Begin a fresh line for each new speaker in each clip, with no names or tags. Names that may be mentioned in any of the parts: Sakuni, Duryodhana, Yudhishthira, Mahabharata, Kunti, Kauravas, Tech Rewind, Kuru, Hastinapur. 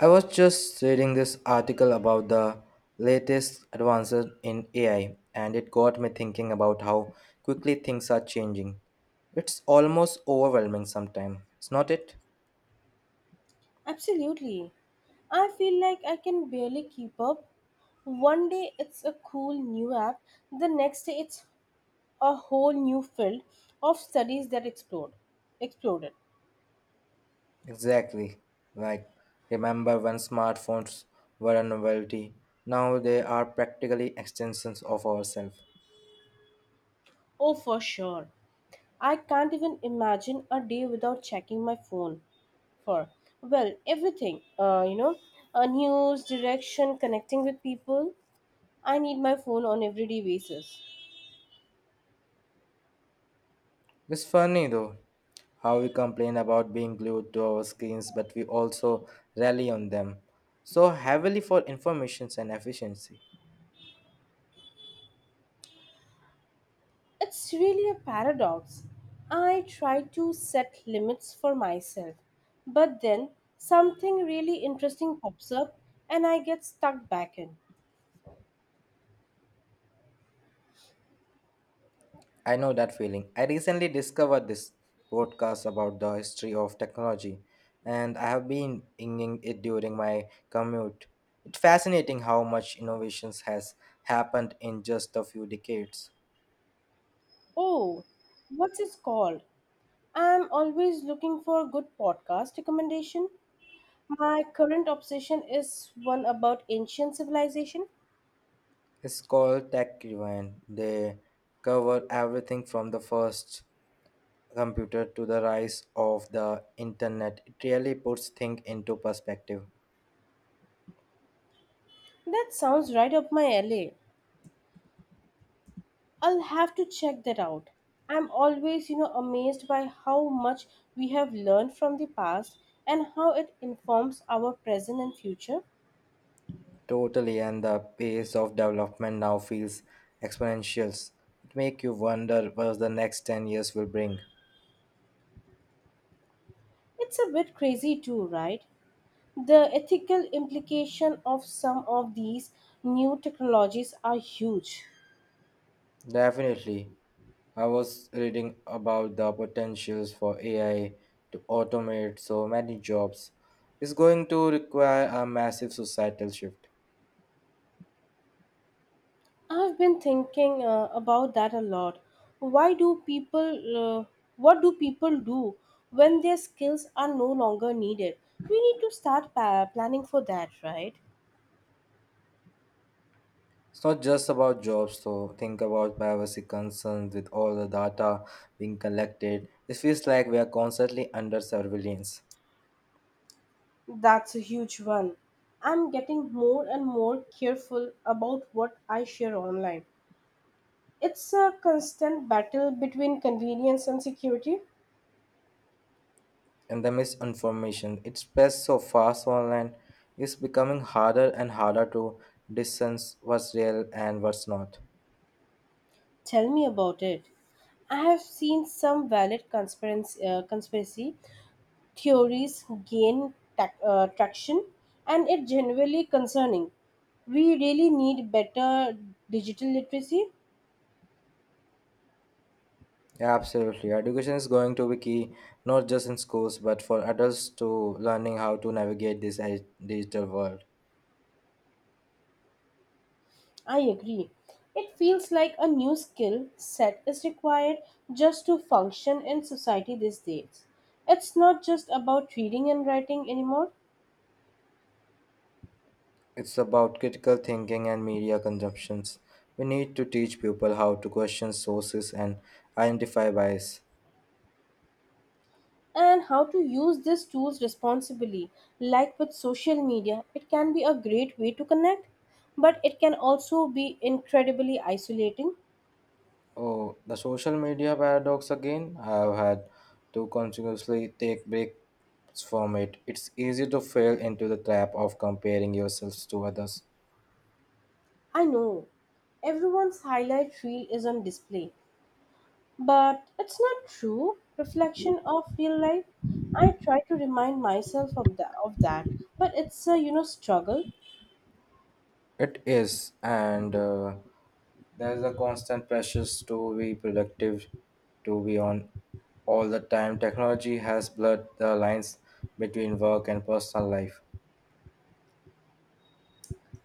I was just reading this article about the latest advances in AI, and it got me thinking about how quickly things are changing. It's almost overwhelming sometimes, it's not it?
Absolutely. I feel like I can barely keep up. One day it's a cool new app, the next day it's a whole new field of studies that exploded.
Exactly. Like, remember when smartphones were a novelty? Now they are practically extensions of ourselves.
Oh, for sure. I can't even imagine a day without checking my phone for, well, everything, news, direction, connecting with people. I need my phone on everyday basis.
It's funny though how we complain about being glued to our screens, but we also rely on them so heavily for information and efficiency.
It's really a paradox. I try to set limits for myself, but then something really interesting pops up and I get stuck back in.
I know that feeling. I recently discovered this podcast about the history of technology, and I have been inging it during my commute. It's fascinating how much innovations has happened in just a few decades.
Oh, what's it called? I'm always looking for a good podcast recommendation. My current obsession is one about ancient civilization.
It's called Tech Rewind. They cover everything from the first computer to the rise of the internet. It really puts things into perspective.
That sounds right up my alley. I'll have to check that out. I'm always amazed by how much we have learned from the past and how it informs our present and future.
Totally, and the pace of development now feels exponential. It make you wonder what the next 10 years will bring.
It's a bit crazy too, right? The ethical implication of some of these new technologies are huge.
Definitely. I was reading about the potentials for AI to automate so many jobs. It's going to require a massive societal shift.
I've been thinking about that a lot. Why do people uh, what do people do when their skills are no longer needed? We need to start planning for that, right?
It's not just about jobs, though. Think about privacy concerns with all the data being collected. It feels like we are constantly under surveillance.
That's a huge one. I'm getting more and more careful about what I share online. It's a constant battle between convenience and security.
And the misinformation, it spreads so fast online, it's becoming harder and harder to discern what's real and what's not.
Tell me about it. I have seen some valid conspiracy theories gain tac traction, and it's genuinely concerning. We really need better digital literacy.
Yeah, absolutely. Education is going to be key, not just in schools, but for adults to learning how to navigate this digital world.
I agree. It feels like a new skill set is required just to function in society these days. It's not just about reading and writing anymore,
It's about critical thinking and media consumptions. We need to teach people how to question sources and identify bias.
and how to use these tools responsibly. Like with social media, it can be a great way to connect, but it can also be incredibly isolating.
Oh, the social media paradox again. I've had to continuously take breaks from it. It's easy to fall into the trap of comparing yourselves to others.
I know everyone's highlight reel is on display, but it's not true reflection of real life. I try to remind myself of that, but it's a struggle.
It is, and there's a constant pressure to be productive, to be on all the time. Technology has blurred the lines between work and personal life.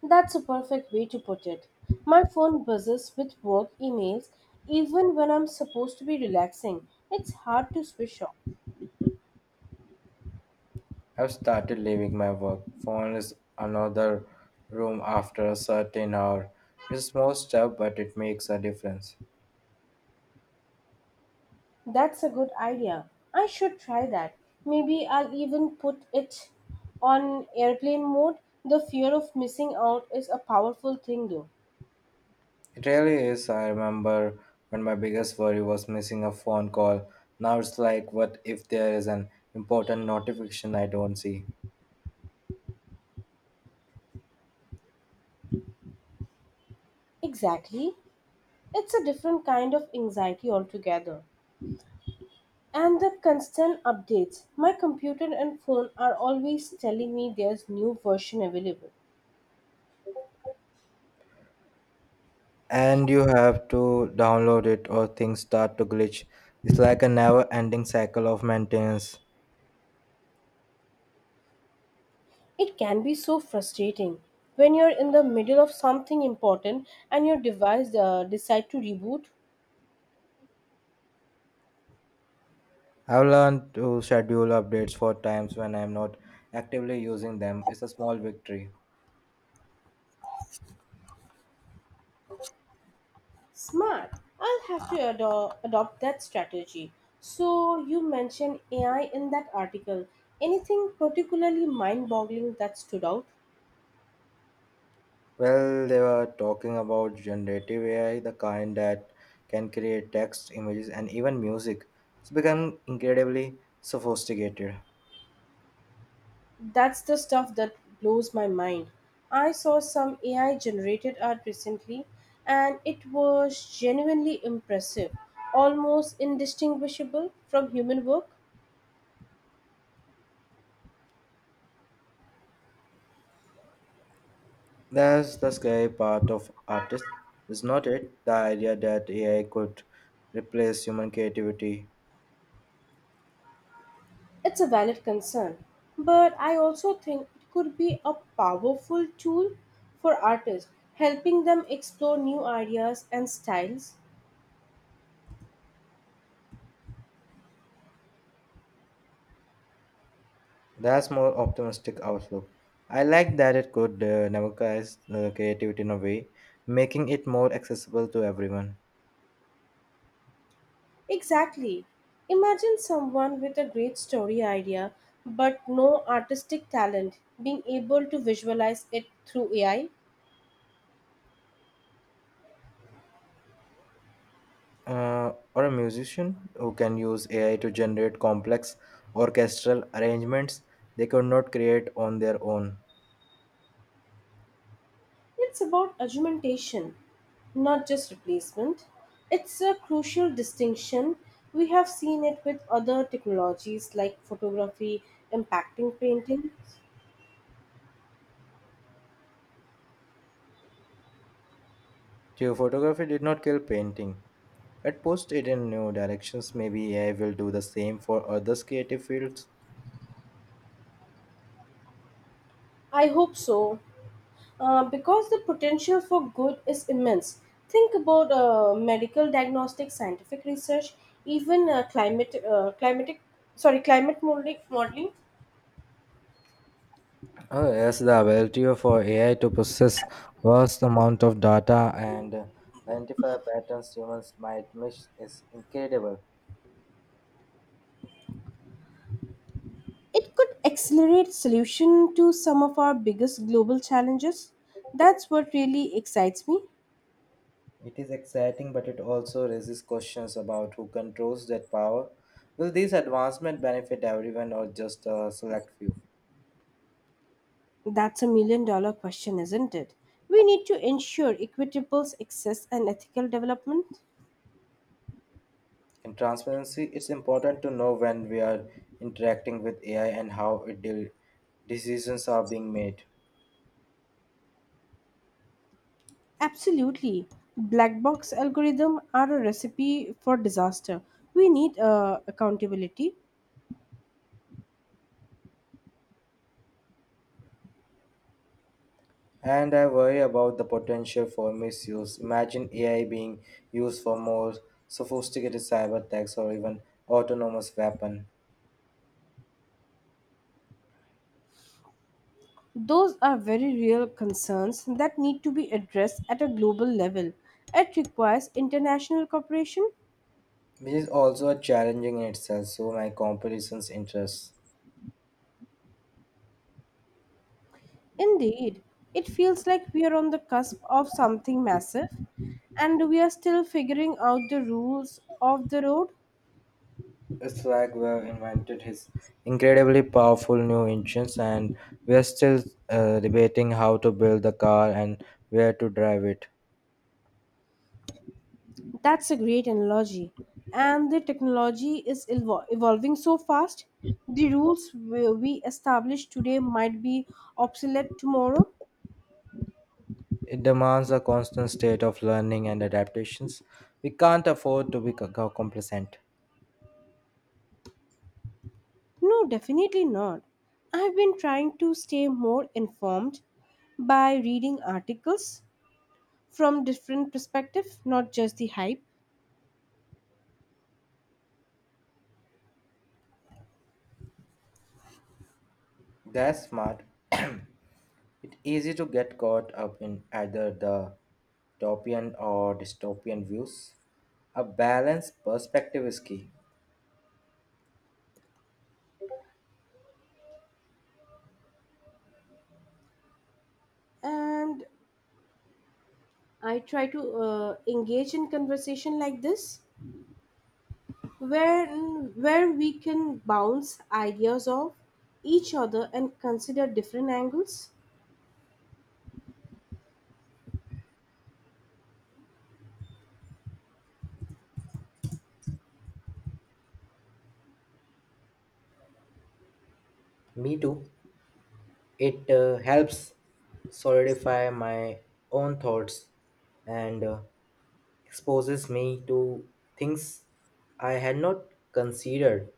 That's a perfect way to put it. My phone buzzes with work emails even when I'm supposed to be relaxing. It's hard to switch off.
I've started leaving my work. Phone is another room after a certain hour. It's a small step, but it makes a difference.
That's a good idea. I should try that. Maybe I'll even put it on airplane mode. The fear of missing out is a powerful thing though.
It really is. I remember when my biggest worry was missing a phone call. Now it's like, what if there is an important notification I don't see?
Exactly. It's a different kind of anxiety altogether. And the constant updates. My computer and phone are always telling me there's new version available.
And you have to download it or things start to glitch. It's like a never ending cycle of maintenance.
It can be so frustrating when you're in the middle of something important and your device decide to reboot.
I've learned to schedule updates for times when I'm not actively using them. It's a small victory.
Smart. I'll have to adopt that strategy. So you mentioned AI in that article. Anything particularly mind-boggling that stood out?
Well, they were talking about generative AI, the kind that can create text, images, and even music. It's become incredibly sophisticated.
That's the stuff that blows my mind. I saw some AI generated art recently and it was genuinely impressive, almost indistinguishable from human work.
That's the scary part of artists, is not it? The idea that AI could replace human creativity.
It's a valid concern, but I also think it could be a powerful tool for artists, helping them explore new ideas and styles.
That's more optimistic outlook. I like that it could democratize creativity in a way, making it more accessible to everyone.
Exactly. Imagine someone with a great story idea but no artistic talent being able to visualize it through AI.
Or a musician who can use AI to generate complex orchestral arrangements they could not create on their own.
It's about augmentation, not just replacement. It's a crucial distinction. We have seen it with other technologies like photography impacting painting.
Geophotography did not kill painting. It pushed it in new directions. Maybe AI will do the same for others' creative fields.
I hope so. Because the potential for good is immense. Think about medical diagnostics, scientific research, even climate modeling.
Oh, yes, the ability for AI to process vast amount of data and identify patterns humans might miss is incredible.
It could accelerate solution to some of our biggest global challenges. That's what really excites me.
It is exciting, but it also raises questions about who controls that power. Will these advancements benefit everyone or just a select few?
That's a million dollar question, isn't it? We need to ensure equitable access and ethical development.
In transparency, it's important to know when we are interacting with AI and how decisions are being made.
Absolutely. Black box algorithm are a recipe for disaster. We need accountability.
And I worry about the potential for misuse. Imagine AI being used for more sophisticated cyber attacks or even autonomous weapon,
Those are very real concerns that need to be addressed at a global level. It requires international cooperation.
which is also a challenging in itself. So my comparisons interests.
Indeed, it feels like we are on the cusp of something massive and we are still figuring out the rules of the road.
Swagger invented his incredibly powerful new engines, and we're still debating how to build the car and where to drive it.
That's a great analogy. And the technology is evolving so fast, the rules we establish today might be obsolete tomorrow.
It demands a constant state of learning and adaptations. We can't afford to be complacent.
No, definitely not. I've been trying to stay more informed by reading articles from different perspectives, not just the hype.
That's smart. It's easy to get caught up in either the utopian or dystopian views. A balanced perspective is key.
And I try to engage in conversation like this, where where we can bounce ideas off each other and consider different angles.
Me too. It helps solidify my own thoughts and exposes me to things I had not considered,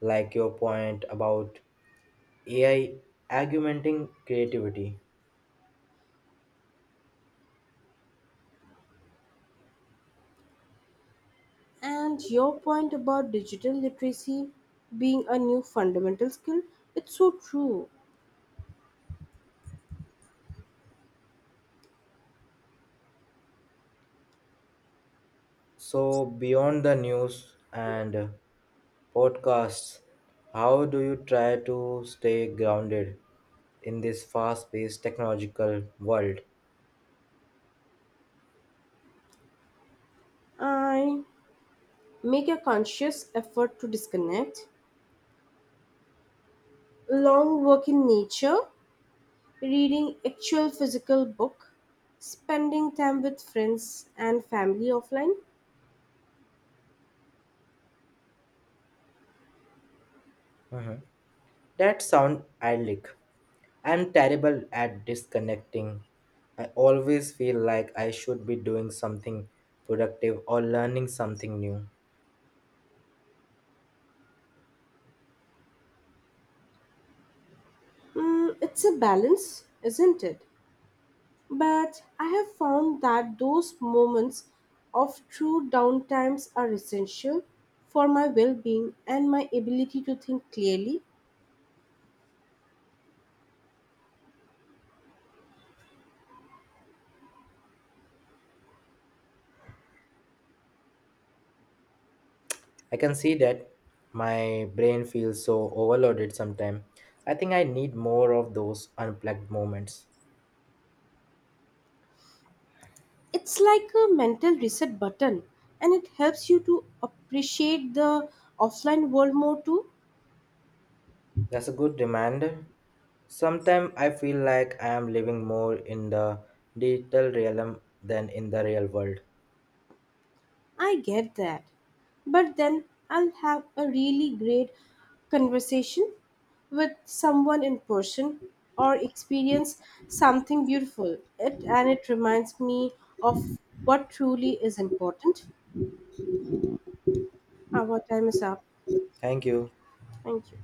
like your point about AI augmenting creativity.
And your point about digital literacy being a new fundamental skill, it's so true.
So, beyond the news and podcasts, how do you try to stay grounded in this fast paced technological world?
I make a conscious effort to disconnect, long work in nature, reading actual physical book, spending time with friends and family offline.
Mhm. That sound idyllic. I'm terrible at disconnecting. I always feel like I should be doing something productive or learning something new.
It's a balance, isn't it? But I have found that those moments of true downtimes are essential for my well being and my ability to think clearly.
I can see that my brain feels so overloaded sometimes. I think I need more of those unplugged moments.
It's like a mental reset button and it helps you to appreciate the offline world more too.
That's a good reminder. Sometimes I feel like I am living more in the digital realm than in the real world.
I get that. But then I'll have a really great conversation with someone in person or experience something beautiful. It and it reminds me of what truly is important. Our time is up.
Thank you.
Thank you.